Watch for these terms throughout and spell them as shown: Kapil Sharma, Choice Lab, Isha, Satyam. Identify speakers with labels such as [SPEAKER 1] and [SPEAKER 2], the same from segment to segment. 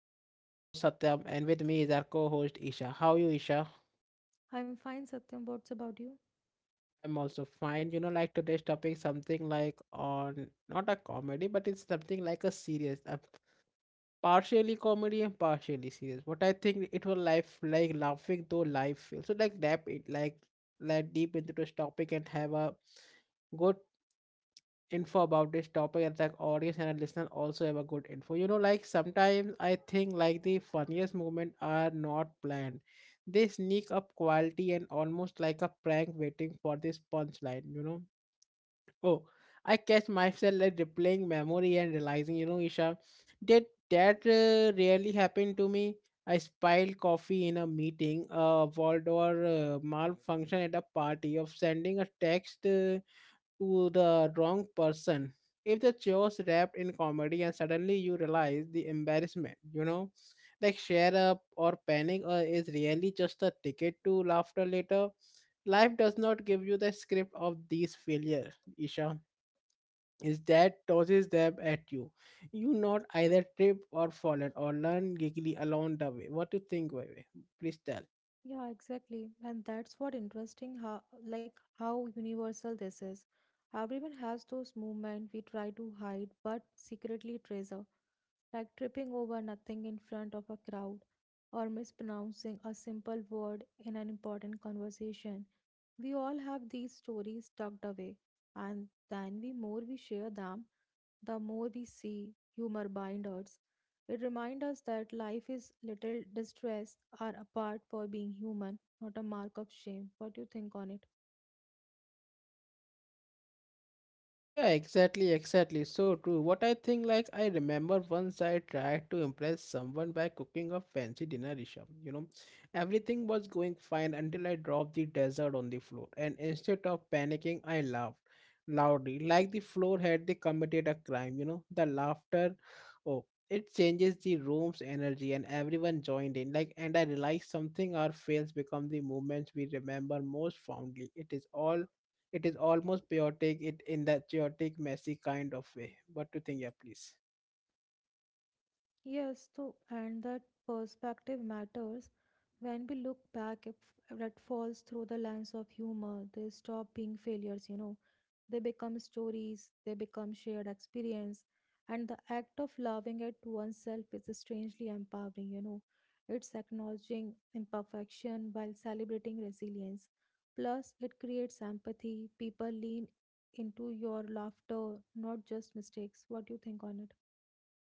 [SPEAKER 1] I'm your host Satyam and with me is our co-host Isha. How you Isha?
[SPEAKER 2] I'm fine, Satyam. What's about you?
[SPEAKER 1] I'm also fine. You know like today's topic something like on not a comedy but it's something like a serious partially comedy and partially serious. What I think it will life like laughing though life feels. So like dab it like deep into this topic and have a good info about this topic and the audience and the listener also have a good info you know like sometimes I think like the funniest moment are not planned they sneak up quality and almost like a prank waiting for this punchline you know oh I catch myself like replaying memory and realizing you know isha did that really happen to me. I spilled coffee in a meeting, a Waldor malfunction at a party of sending a text to the wrong person. If the show's wrapped in comedy and suddenly you realize the embarrassment, you know, like share up or panic is really just a ticket to laughter later. Life does not give you the script of these failures, Isha. Is that tosses them at you. You not either trip or fall fallen or learn giggly along the way. What do you think, Vivi? Please tell.
[SPEAKER 2] Yeah, exactly. And that's what interesting how like how universal this is. Everyone has those movements we try to hide but secretly treasure. Like tripping over nothing in front of a crowd or mispronouncing a simple word in an important conversation. We all have these stories tucked away, and then the more we share them, the more we see humor bind us. It reminds us that life is little distress are a part for being human, not a mark of shame. What do you think on it?
[SPEAKER 1] Yeah, exactly. So true. What I think, like, I remember once I tried to impress someone by cooking a fancy dinner, Rishabh. You know, everything was going fine until I dropped the dessert on the floor. And instead of panicking, I laughed loudly, like the floor had they committed a crime. You know, the laughter, oh, it changes the room's energy, and everyone joined in. Like, and I realized something our fails become the moments we remember most fondly. It is almost chaotic it in that chaotic messy kind of way. What do you think? Yeah, please.
[SPEAKER 2] Yes, too, and that perspective matters. When we look back at falls through the lens of humor, they stop being failures, you know. They become stories, they become shared experience, and the act of loving it oneself is strangely empowering, you know. It's acknowledging imperfection while celebrating resilience. Plus, it creates empathy. People lean into your laughter, not just mistakes. What do you think on it?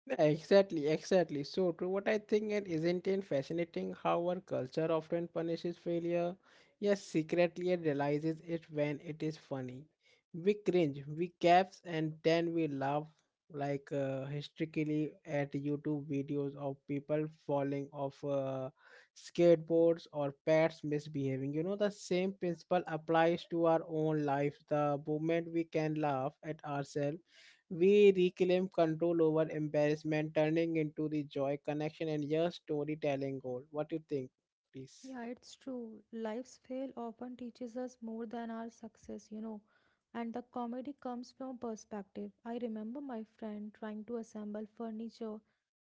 [SPEAKER 1] Yeah, exactly. So true. What I think it isn't it fascinating how our culture often punishes failure, yet secretly it realizes it when it is funny. We cringe, we gasp, and then we laugh like hysterically at YouTube videos of people falling off skateboards or pets misbehaving. You know, the same principle applies to our own life. The moment we can laugh at ourselves we reclaim control over embarrassment, turning into the joy, connection, and your storytelling goal. What do you think, please?
[SPEAKER 2] Yeah, it's true. Life's fail often teaches us more than our success, you know. And the comedy comes from perspective. I remember my friend trying to assemble furniture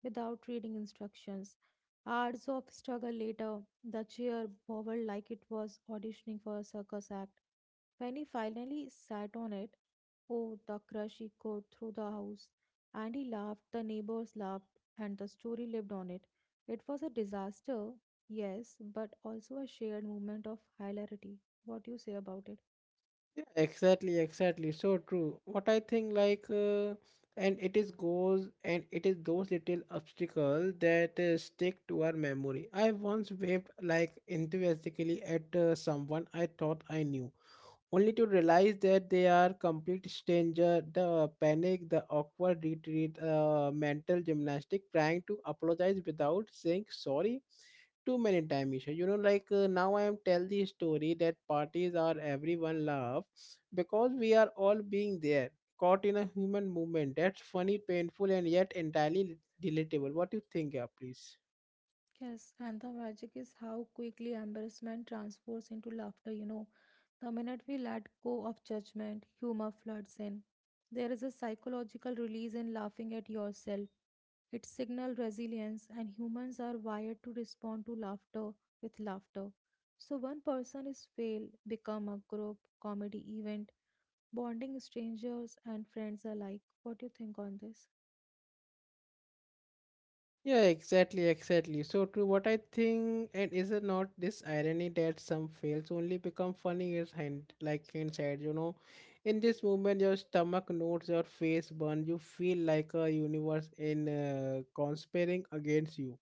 [SPEAKER 2] without reading instructions. Hours of struggle later, the chair wobbled like it was auditioning for a circus act. When he finally sat on it, oh, the crush echoed through the house. And he laughed, the neighbors laughed, and the story lived on it. It was a disaster, yes, but also a shared movement of hilarity. What do you say about it?
[SPEAKER 1] Yeah, exactly. So true. What I think, like, and it is goes, and it is those little obstacles that stick to our memory. I once waved like enthusiastically at someone I thought I knew only to realize that they are complete stranger. The panic, the awkward retreat, mental gymnastic, trying to apologize without saying sorry too many times, you know, like now I am tell the story that parties are everyone love because we are all being there caught in a human movement that's funny, painful, and yet entirely relatable. What do you think? Yeah, please.
[SPEAKER 2] Yes, and the magic is how quickly embarrassment transforms into laughter, you know. The minute we let go of judgment, humor floods in. There is a psychological release in laughing at yourself. It signals resilience, and humans are wired to respond to laughter with laughter. So, one person is fail, become a group comedy event, bonding strangers and friends alike. What do you think on this?
[SPEAKER 1] Yeah, exactly. So true. What I think, and is it not this irony that some fails only become funny is hind like hindsight, you know? In this movement, your stomach knows your face burns. You feel like a universe in conspiring against you.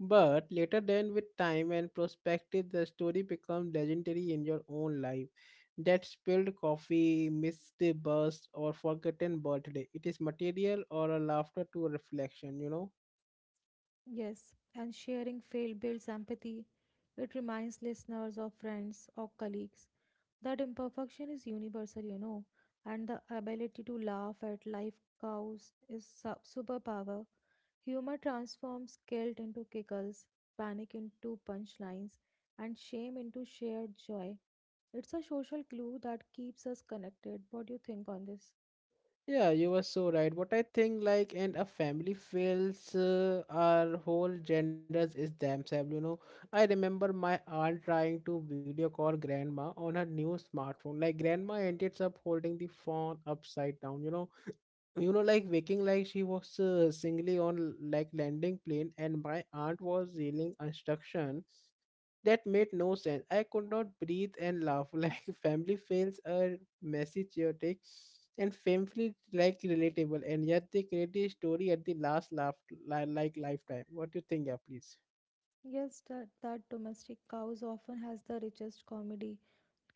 [SPEAKER 1] But later, then with time and perspective, the story becomes legendary in your own life. That spilled coffee, missed bus, or forgotten birthday. It is material or a laughter to reflection, you know?
[SPEAKER 2] Yes, and sharing fail builds empathy. It reminds listeners of friends or colleagues that imperfection is universal, you know, and the ability to laugh at life cows is superpower. Humor transforms guilt into giggles, panic into punchlines, and shame into shared joy. It's a social glue that keeps us connected. What do you think on this?
[SPEAKER 1] Yeah, you were so right. What I think, like, and a family fails, our whole genders is themselves. You know, I remember my aunt trying to video call grandma on her new smartphone. Like, grandma ended up holding the phone upside down. You know, like waking like she was singly on like landing plane, and my aunt was yelling instruction that made no sense. I could not breathe and laugh. Like family fails are messy, chaotic, and painfully like relatable. And yet they create a story at the last laugh, like lifetime. What do you think? Yeah, please.
[SPEAKER 2] Yes, that domestic cows often has the richest comedy.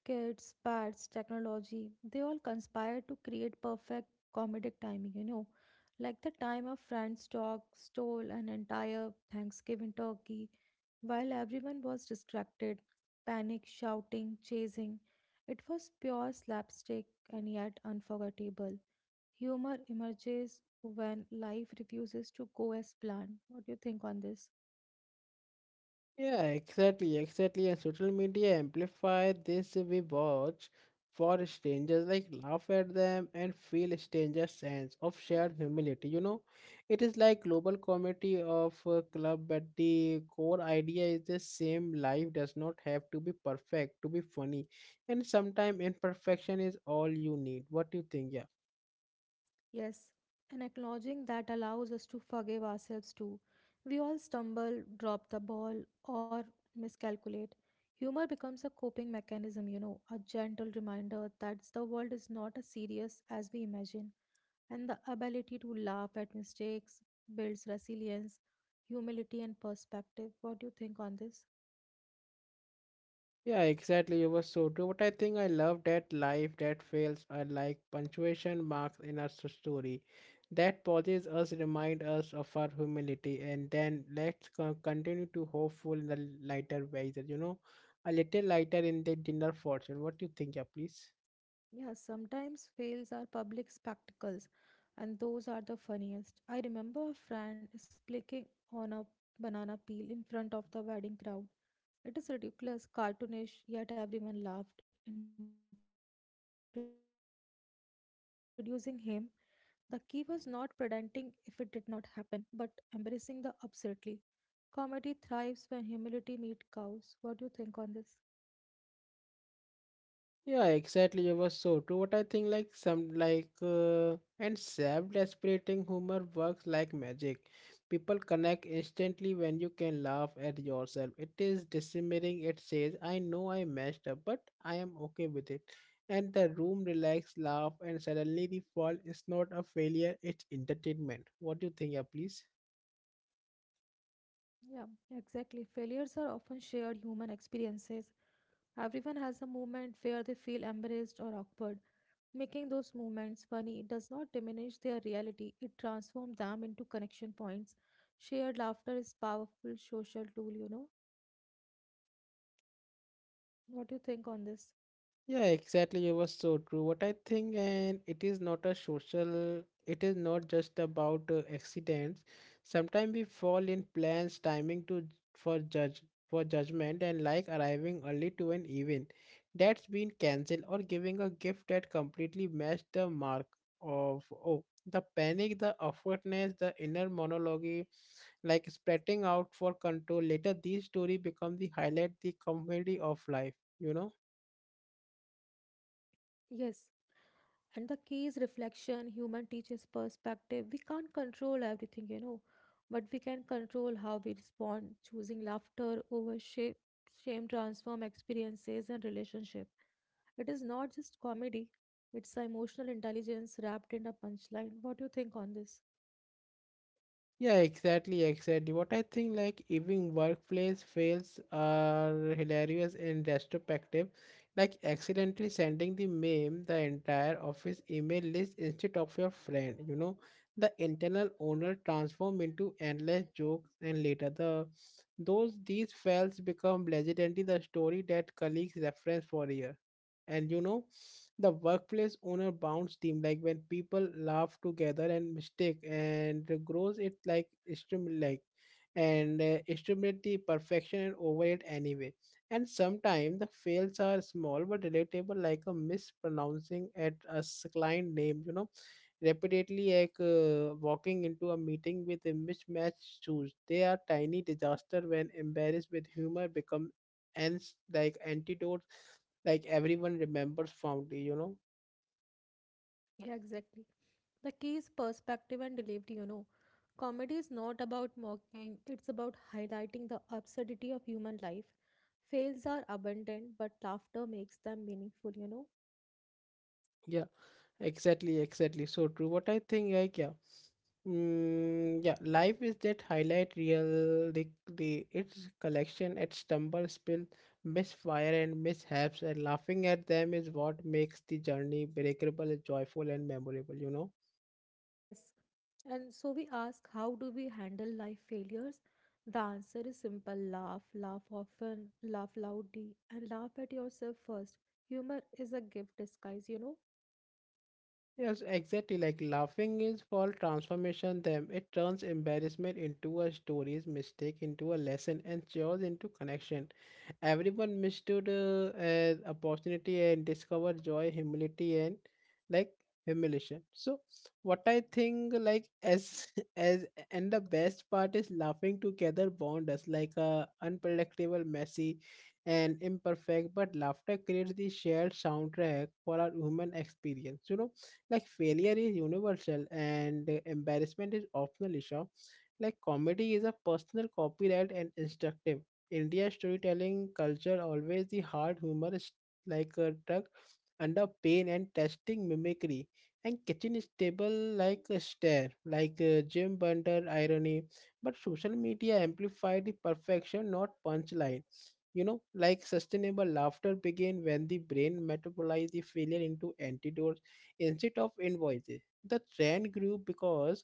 [SPEAKER 2] Kids, pets, technology, they all conspire to create perfect comedic timing, you know. Like the time a friend's dog stole an entire Thanksgiving turkey while everyone was distracted, panic, shouting, chasing, it was pure slapstick and yet unforgettable. Humor emerges when life refuses to go as planned. What do you think on this?
[SPEAKER 1] Yeah, exactly. And social media amplify this, we watch for strangers, like laugh at them and feel a stranger sense of shared humility. You know, it is like global community of a club, but the core idea is the same. Life does not have to be perfect to be funny, and sometimes imperfection is all you need. What do you think? Yeah.
[SPEAKER 2] Yes, and acknowledging that allows us to forgive ourselves too. We all stumble, drop the ball, or miscalculate. Humor becomes a coping mechanism, you know, a gentle reminder that the world is not as serious as we imagine. And the ability to laugh at mistakes builds resilience, humility, and perspective. What do you think on this?
[SPEAKER 1] Yeah, exactly. You were so true. But I think I love that life that fails are like punctuation marks in our story. That pauses us, remind us of our humility, and then let's continue to hopeful in the lighter ways. You know, a little lighter in the dinner fortune. What do you think? Yeah, please.
[SPEAKER 2] Yeah, sometimes fails are public spectacles, and those are the funniest. I remember a friend splitting on a banana peel in front of the wedding crowd. It is ridiculous, cartoonish, yet everyone laughed. Introducing him, the key was not pretending if it did not happen, but embracing the absurdly. Comedy thrives when humility meets cows. What do you think on this?
[SPEAKER 1] Yeah, exactly. It was so true. What I think, like, and self deprecating humor works like magic. People connect instantly when you can laugh at yourself. It is disarming. It says, "I know I messed up, but I am okay with it." And the room relax, laugh, and suddenly the fall is not a failure. It's entertainment. What do you think? Yeah, please.
[SPEAKER 2] Yeah, exactly. Failures are often shared human experiences. Everyone has a moment where they feel embarrassed or awkward. Making those moments funny does not diminish their reality, it transforms them into connection points. Shared laughter is powerful social tool, you know. What do you think on this?
[SPEAKER 1] Yeah, exactly. You were so true. What I think, and it is not a social, it is not just about accidents. Sometimes we fall in plans, timing to j- for judge for judgment, and like arriving early to an event that's been cancelled, or giving a gift that completely matched the mark of oh the panic, the awkwardness, the inner monologue, like spreading out for control. Later, these story become the highlight, the comedy of life. You know.
[SPEAKER 2] Yes. And the key is reflection human teaches perspective. We can't control everything, you know, but we can control how we respond, choosing laughter over shame. Shame transform experiences and relationship. It is not just comedy, it's emotional intelligence wrapped in a punchline. What do you think on this?
[SPEAKER 1] Yeah, exactly. What I think, like, even workplace fails are hilarious in retrospective, like accidentally sending the meme, the entire office email list instead of your friend. You know, the internal owner transform into endless jokes, and later these fails become legendary, the story that colleagues reference for a year. And you know the workplace owner bounds team like when people laugh together and mistake and grows it like extremely like and extremely perfection and over it anyway. And sometimes the fails are small but relatable like a mispronouncing at a client name, you know, repeatedly, like walking into a meeting with a mismatched shoes. They are tiny disaster when embarrassed with humor become ants like antidotes like everyone remembers fondly, you know.
[SPEAKER 2] Yeah, exactly. The key is perspective and delivery, you know. Comedy is not about mocking, it's about highlighting the absurdity of human life. Fails are abundant, but laughter makes them meaningful, you know.
[SPEAKER 1] Yeah, exactly. So true. What I think, like, yeah, yeah, life is that highlight real, the its collection, its stumble, spill, misfire, and mishaps, and laughing at them is what makes the journey breakable, joyful, and memorable. You know.
[SPEAKER 2] Yes. And so we ask, how do we handle life failures? The answer is simple: laugh, laugh often, laugh loudly, and laugh at yourself first. Humor is a gift disguise, you know.
[SPEAKER 1] Yes, exactly. Like laughing is for transformation them. It turns embarrassment into a stories, mistake into a lesson, and chores into connection. Everyone mistook as opportunity and discover joy, humility, and like humiliation. So, what I think like as as and the best part is laughing together bond us like a unpredictable, messy, and imperfect. But laughter creates the shared soundtrack for our human experience. You know like failure is universal and embarrassment is optional issue. Like comedy is a personal copyright and instructive. India storytelling culture always the hard humor is like a truck under pain and testing mimicry and kitchen is stable like a stare like Jim Bender irony but social media amplified the perfection not punchline, you know, like sustainable laughter began when the brain metabolized the failure into antidotes instead of invoices. The trend grew because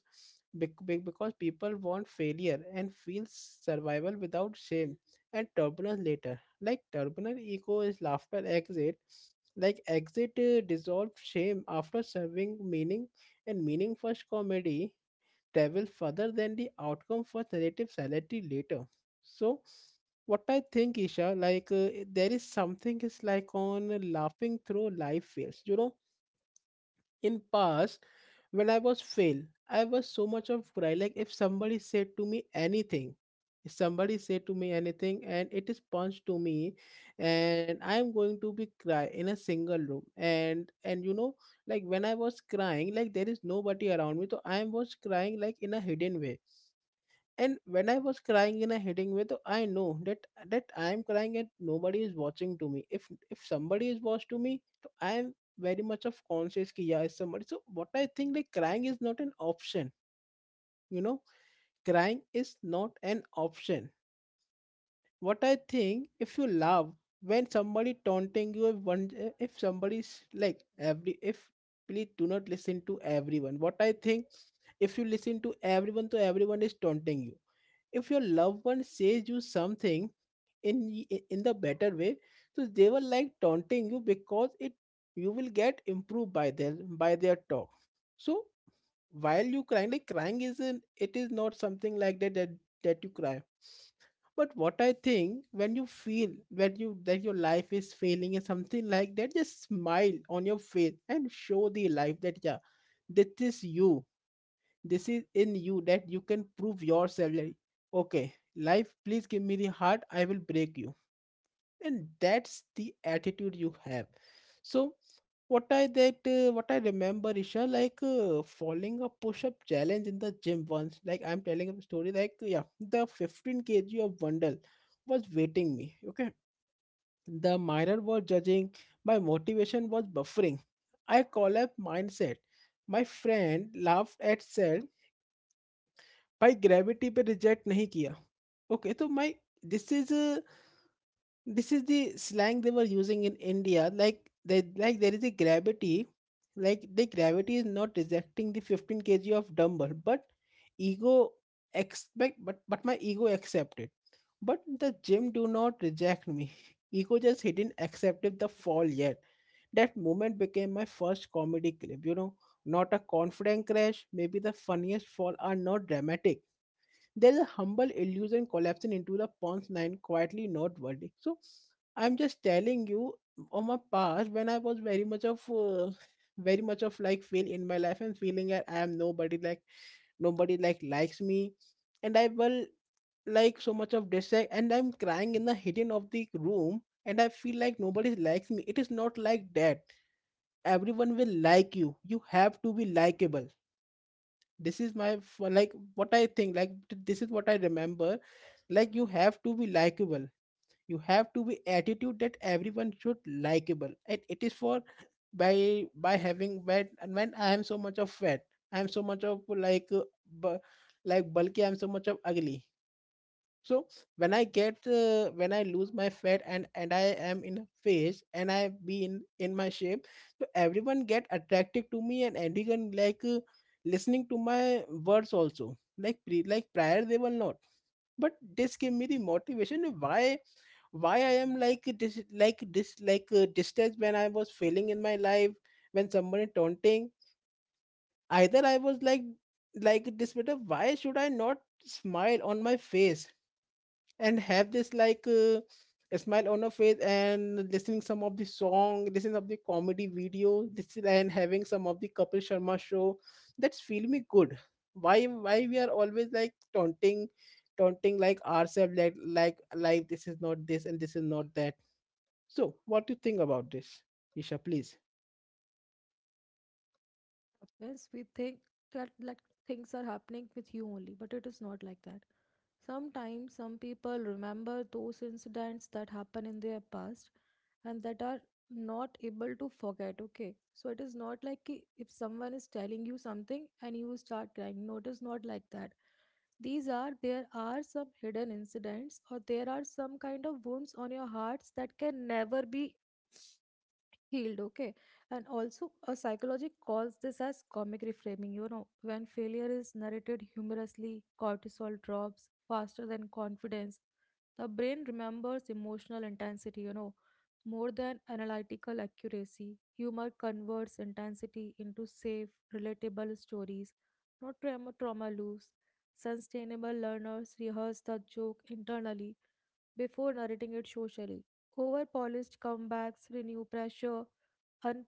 [SPEAKER 1] because people want failure and feel survival without shame and turbulence later. Like turbulent ego is laughter exit. Like exit dissolved shame after serving meaning and meaning first comedy travel further than the outcome for narrative sanity later. So, what I think, Isha, like there is something is like on laughing through life fails. You know, in past, when I was fail, I was so much of cry. Like if somebody said to me anything, if somebody said to me anything, and it is punched to me, and I am going to be cry in a single room. And you know, like when I was crying, like there is nobody around me, so I was crying like in a hidden way. And when I was crying in a hitting way, though I know that that I am crying and nobody is watching to me. If somebody is watching to me, so I am very much of conscious ki yeah is somebody. So what I think, like crying is not an option, you know crying is not an option. What I think, if you love, when somebody taunting you, if somebody's, like, every if, please do not listen to everyone. What I think, if you listen to everyone, so everyone is taunting you. If your loved one says you something in in the better way, so they will like taunting you, because it, you will get improved by their talk. So while you crying, like crying isn't, it is not something like that that, that you cry. But what I think, when you feel, when you that your life is failing and something like that, just smile on your face and show the life that, yeah, this is you, this is in you, that you can prove yourself. Like, okay, life, please give me the heart, I will break you. And that's the attitude you have. So, what I remember, Isha, like following a push-up challenge in the gym once. Like I'm telling a story, like, yeah, the 15 kg of bundle was waiting me. Okay, the mirror was judging. My motivation was buffering. I collapsed mindset. My friend laughed at self. भाई gravity पे reject नहीं किया, okay तो my, this is this is the slang they were using in India, like there is a gravity. Like the gravity is not rejecting the 15 kg of dumbbell, but ego expect, but my ego accepted, but the gym do not reject me. Ego just didn't accept the fall yet. That moment became my first comedy clip, you know. Not a confident crash, maybe the funniest fall are not dramatic. There's a humble illusion collapsing into the punchline quietly, not worthy. So I'm just telling you, on my past, when I was very much of like fail in my life and feeling that I am nobody, like nobody like likes me, and I will like so much of dislike, and I'm crying in the hidden of the room, and I feel like nobody likes me. It is not like that. Everyone will like you. You have to be likable. This is my f- Like what I think, like this is what I remember, like you have to be likable. You have to be attitude that everyone should likable, and it is for, by having fat. And when I am so much of fat, I am so much of like like bulky, I am so much of ugly. So when I get when I lose my fat, and I am in a phase, and I be in my shape, so everyone get attracted to me, and everyone like listening to my words also, like like prior they were not. But this gave me the motivation of why I am like this, like this, like distressed. When I was failing in my life, when somebody taunting, either I was like this better, why should I not smile on my face and have this like a smile on her face, and listening some of the song, listening of the comedy video, this, and having some of the Kapil Sharma show. That's feel me good. Why we are always like taunting, taunting like ourselves, like life. This is not this and this is not that. So what do you think about this, Isha? Please,
[SPEAKER 2] Happens, we think that like things are happening with you only, but it is not like that. Sometimes some people remember those incidents that happen in their past and that are not able to forget. Okay, so it is not like ki if someone is telling you something and you start crying. No, it is not like that. These are there are some hidden incidents or there are some kind of wounds on your hearts that can never be healed. Okay, and also a psychology calls this as comic reframing, you know. When failure is narrated humorously, cortisol drops faster than confidence. The brain remembers emotional intensity, you know, more than analytical accuracy. Humor converts intensity into safe relatable stories, not trauma loops. Sustainable learners rehearse the joke internally before narrating it socially. Over polished comebacks renew pressure, and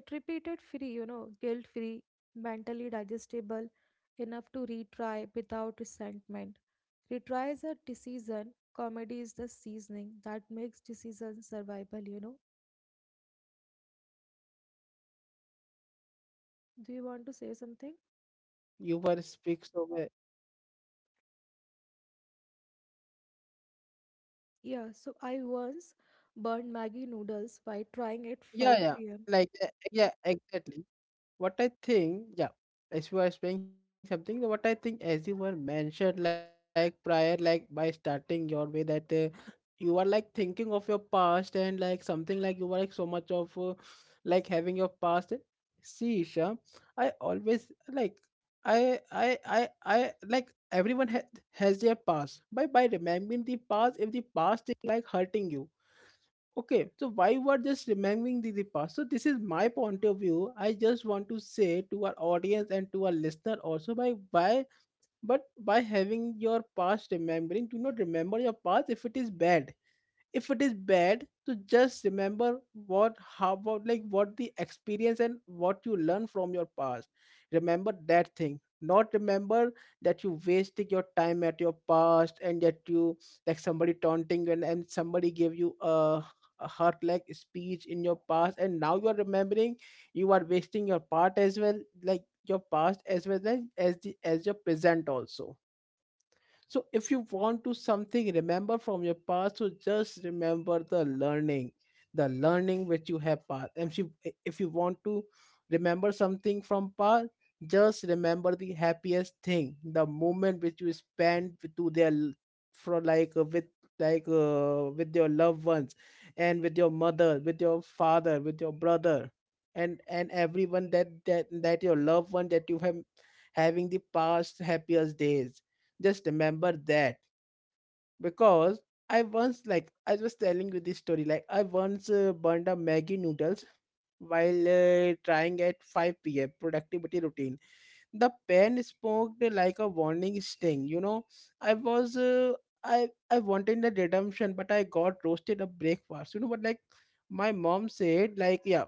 [SPEAKER 2] it repeated free, you know, guilt free, mentally digestible enough to retry without resentment. Retry is a decision, comedy is the seasoning that makes decisions survival, you know. Do you want to say something?
[SPEAKER 1] you were speak so well. Yeah, yeah, I,
[SPEAKER 2] Yeah, so I once burned maggie noodles by trying at 5 p.m.
[SPEAKER 1] yeah, yeah. Like yeah, exactly. What I think, yeah, as you are explaining something, what I think, as you were mentioned, like prior, like by starting your way, that you are like thinking of your past and like something like you were like so much of like having your past. See, Isha, I always like, I like everyone has their past. By remembering the past, if the past is like hurting you, okay, so why you are just remembering the past? So this is my point of view. I just want to say to our audience and to our listener also by why, but by having your past remembering, do not remember your past if it is bad, if it is bad, to just remember what, how about like what the experience and what you learn from your past. Remember that thing, not remember that you wasted your time at your past, and that you, like somebody taunting, and somebody gave you a heart like speech in your past, and now you are remembering, you are wasting your part as well, like your past as well as the as your present also. So if you want to something remember from your past, so just remember the learning which you have past. And if you want to remember something from past, just remember the happiest thing, the moment which you spent with- to their l- for like with, like with your loved ones, and with your mother, with your father, with your brother, and everyone, that your loved one that you have, having the past happiest days, just remember that. Because I once, like I was telling you this story, like I once burned a Maggie noodles while trying at 5 p.m. productivity routine. The pen smoked like a warning sting. You know, I was I wanted the redemption, but I got roasted a breakfast. You know, but like my mom said, like, yeah,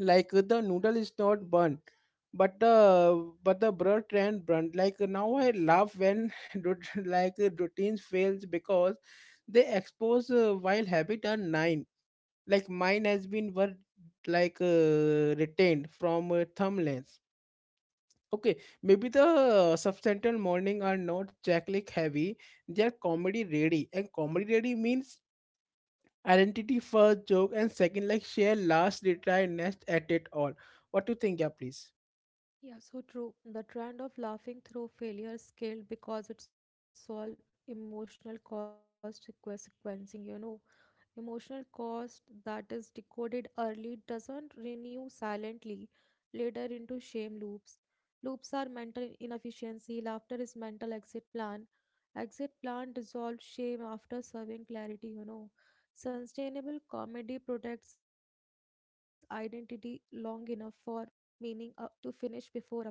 [SPEAKER 1] like the noodle is not burnt, but the bread and burnt, like now I laugh when like routines fails, because they expose while habit are nine, like mine has been were, like retained from thumbnails. Okay, maybe the substantial morning are not jacklick heavy. They're comedy ready, and comedy ready means identity first, joke and second, like share last, retry next at it all. What do you think? Yeah, please.
[SPEAKER 2] Yeah, so true. The trend of laughing through failure scaled because it solved emotional cost, sequencing, you know. Emotional cost that is decoded early doesn't renew silently later into shame loops. Loops are mental inefficiency, laughter is mental exit plan. Exit plan dissolves shame after serving clarity, you know. Sustainable comedy protects identity long enough for meaning to finish before applause begins.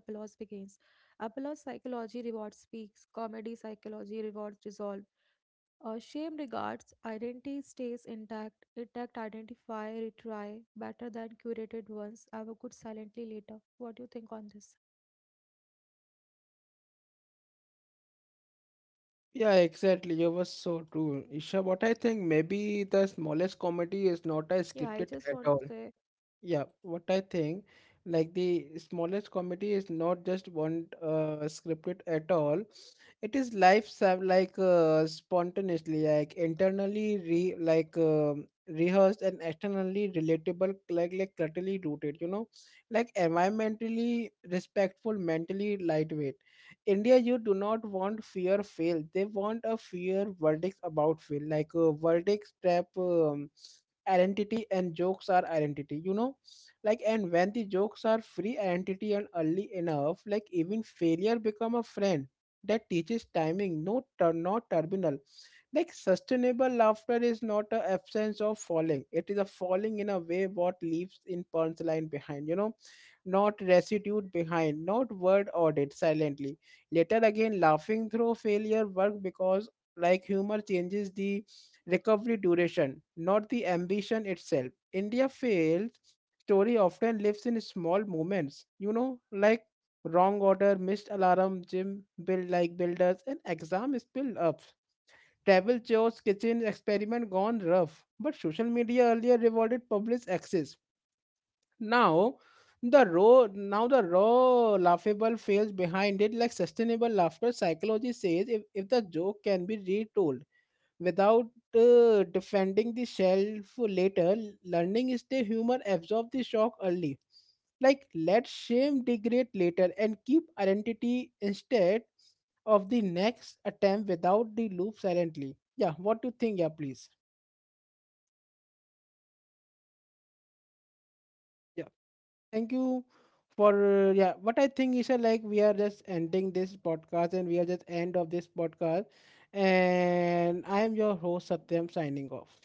[SPEAKER 2] Apollo's psychology rewards peaks, comedy psychology rewards resolve. Shame regards identity stays intact. Intact identify, retry better than curated ones. Have a good silently later. What do you think on this?
[SPEAKER 1] Yeah, exactly. You were so true,
[SPEAKER 2] Yeah,
[SPEAKER 1] Isha.
[SPEAKER 2] I
[SPEAKER 1] What I
[SPEAKER 2] just
[SPEAKER 1] think,
[SPEAKER 2] want to say
[SPEAKER 1] maybe the smallest comedy is not a scripted at all. Yeah, what I think, like the smallest comedy is not just one scripted at all. It is life like spontaneously, like internally re like rehearsed and externally relatable, like culturally rooted. You know, like environmentally respectful, mentally lightweight. India, you do not want fear fail. They want a fear verdict about fail, like a verdict trap. Identity and jokes are identity, you know, like. And when the jokes are free identity and early enough, like even failure become a friend that teaches timing, no not terminal. Like sustainable laughter is not a absence of falling, it is a falling in a way what leaves in punchline behind, you know, not residue behind, not word audit silently later again. Laughing through failure work because like humor changes the recovery duration, not the ambition itself. India failed story often lives in small moments, you know, like wrong order, missed alarm, gym build like builders, and exam spill ups. Travel chores, kitchen experiment gone rough. But social media earlier rewarded public access. Now now the raw laughable fails behind it. Like sustainable laughter psychology says, if the joke can be retold without defending the shelf later, learning is the humor absorb the shock early, like let shame degrade later and keep identity instead of the next attempt without the loop silently. Yeah, what do you think? Yeah, please. Yeah, thank you for yeah, what I think is like we are just ending this podcast, and we are just end of this podcast, and I am your host Satyam, signing off.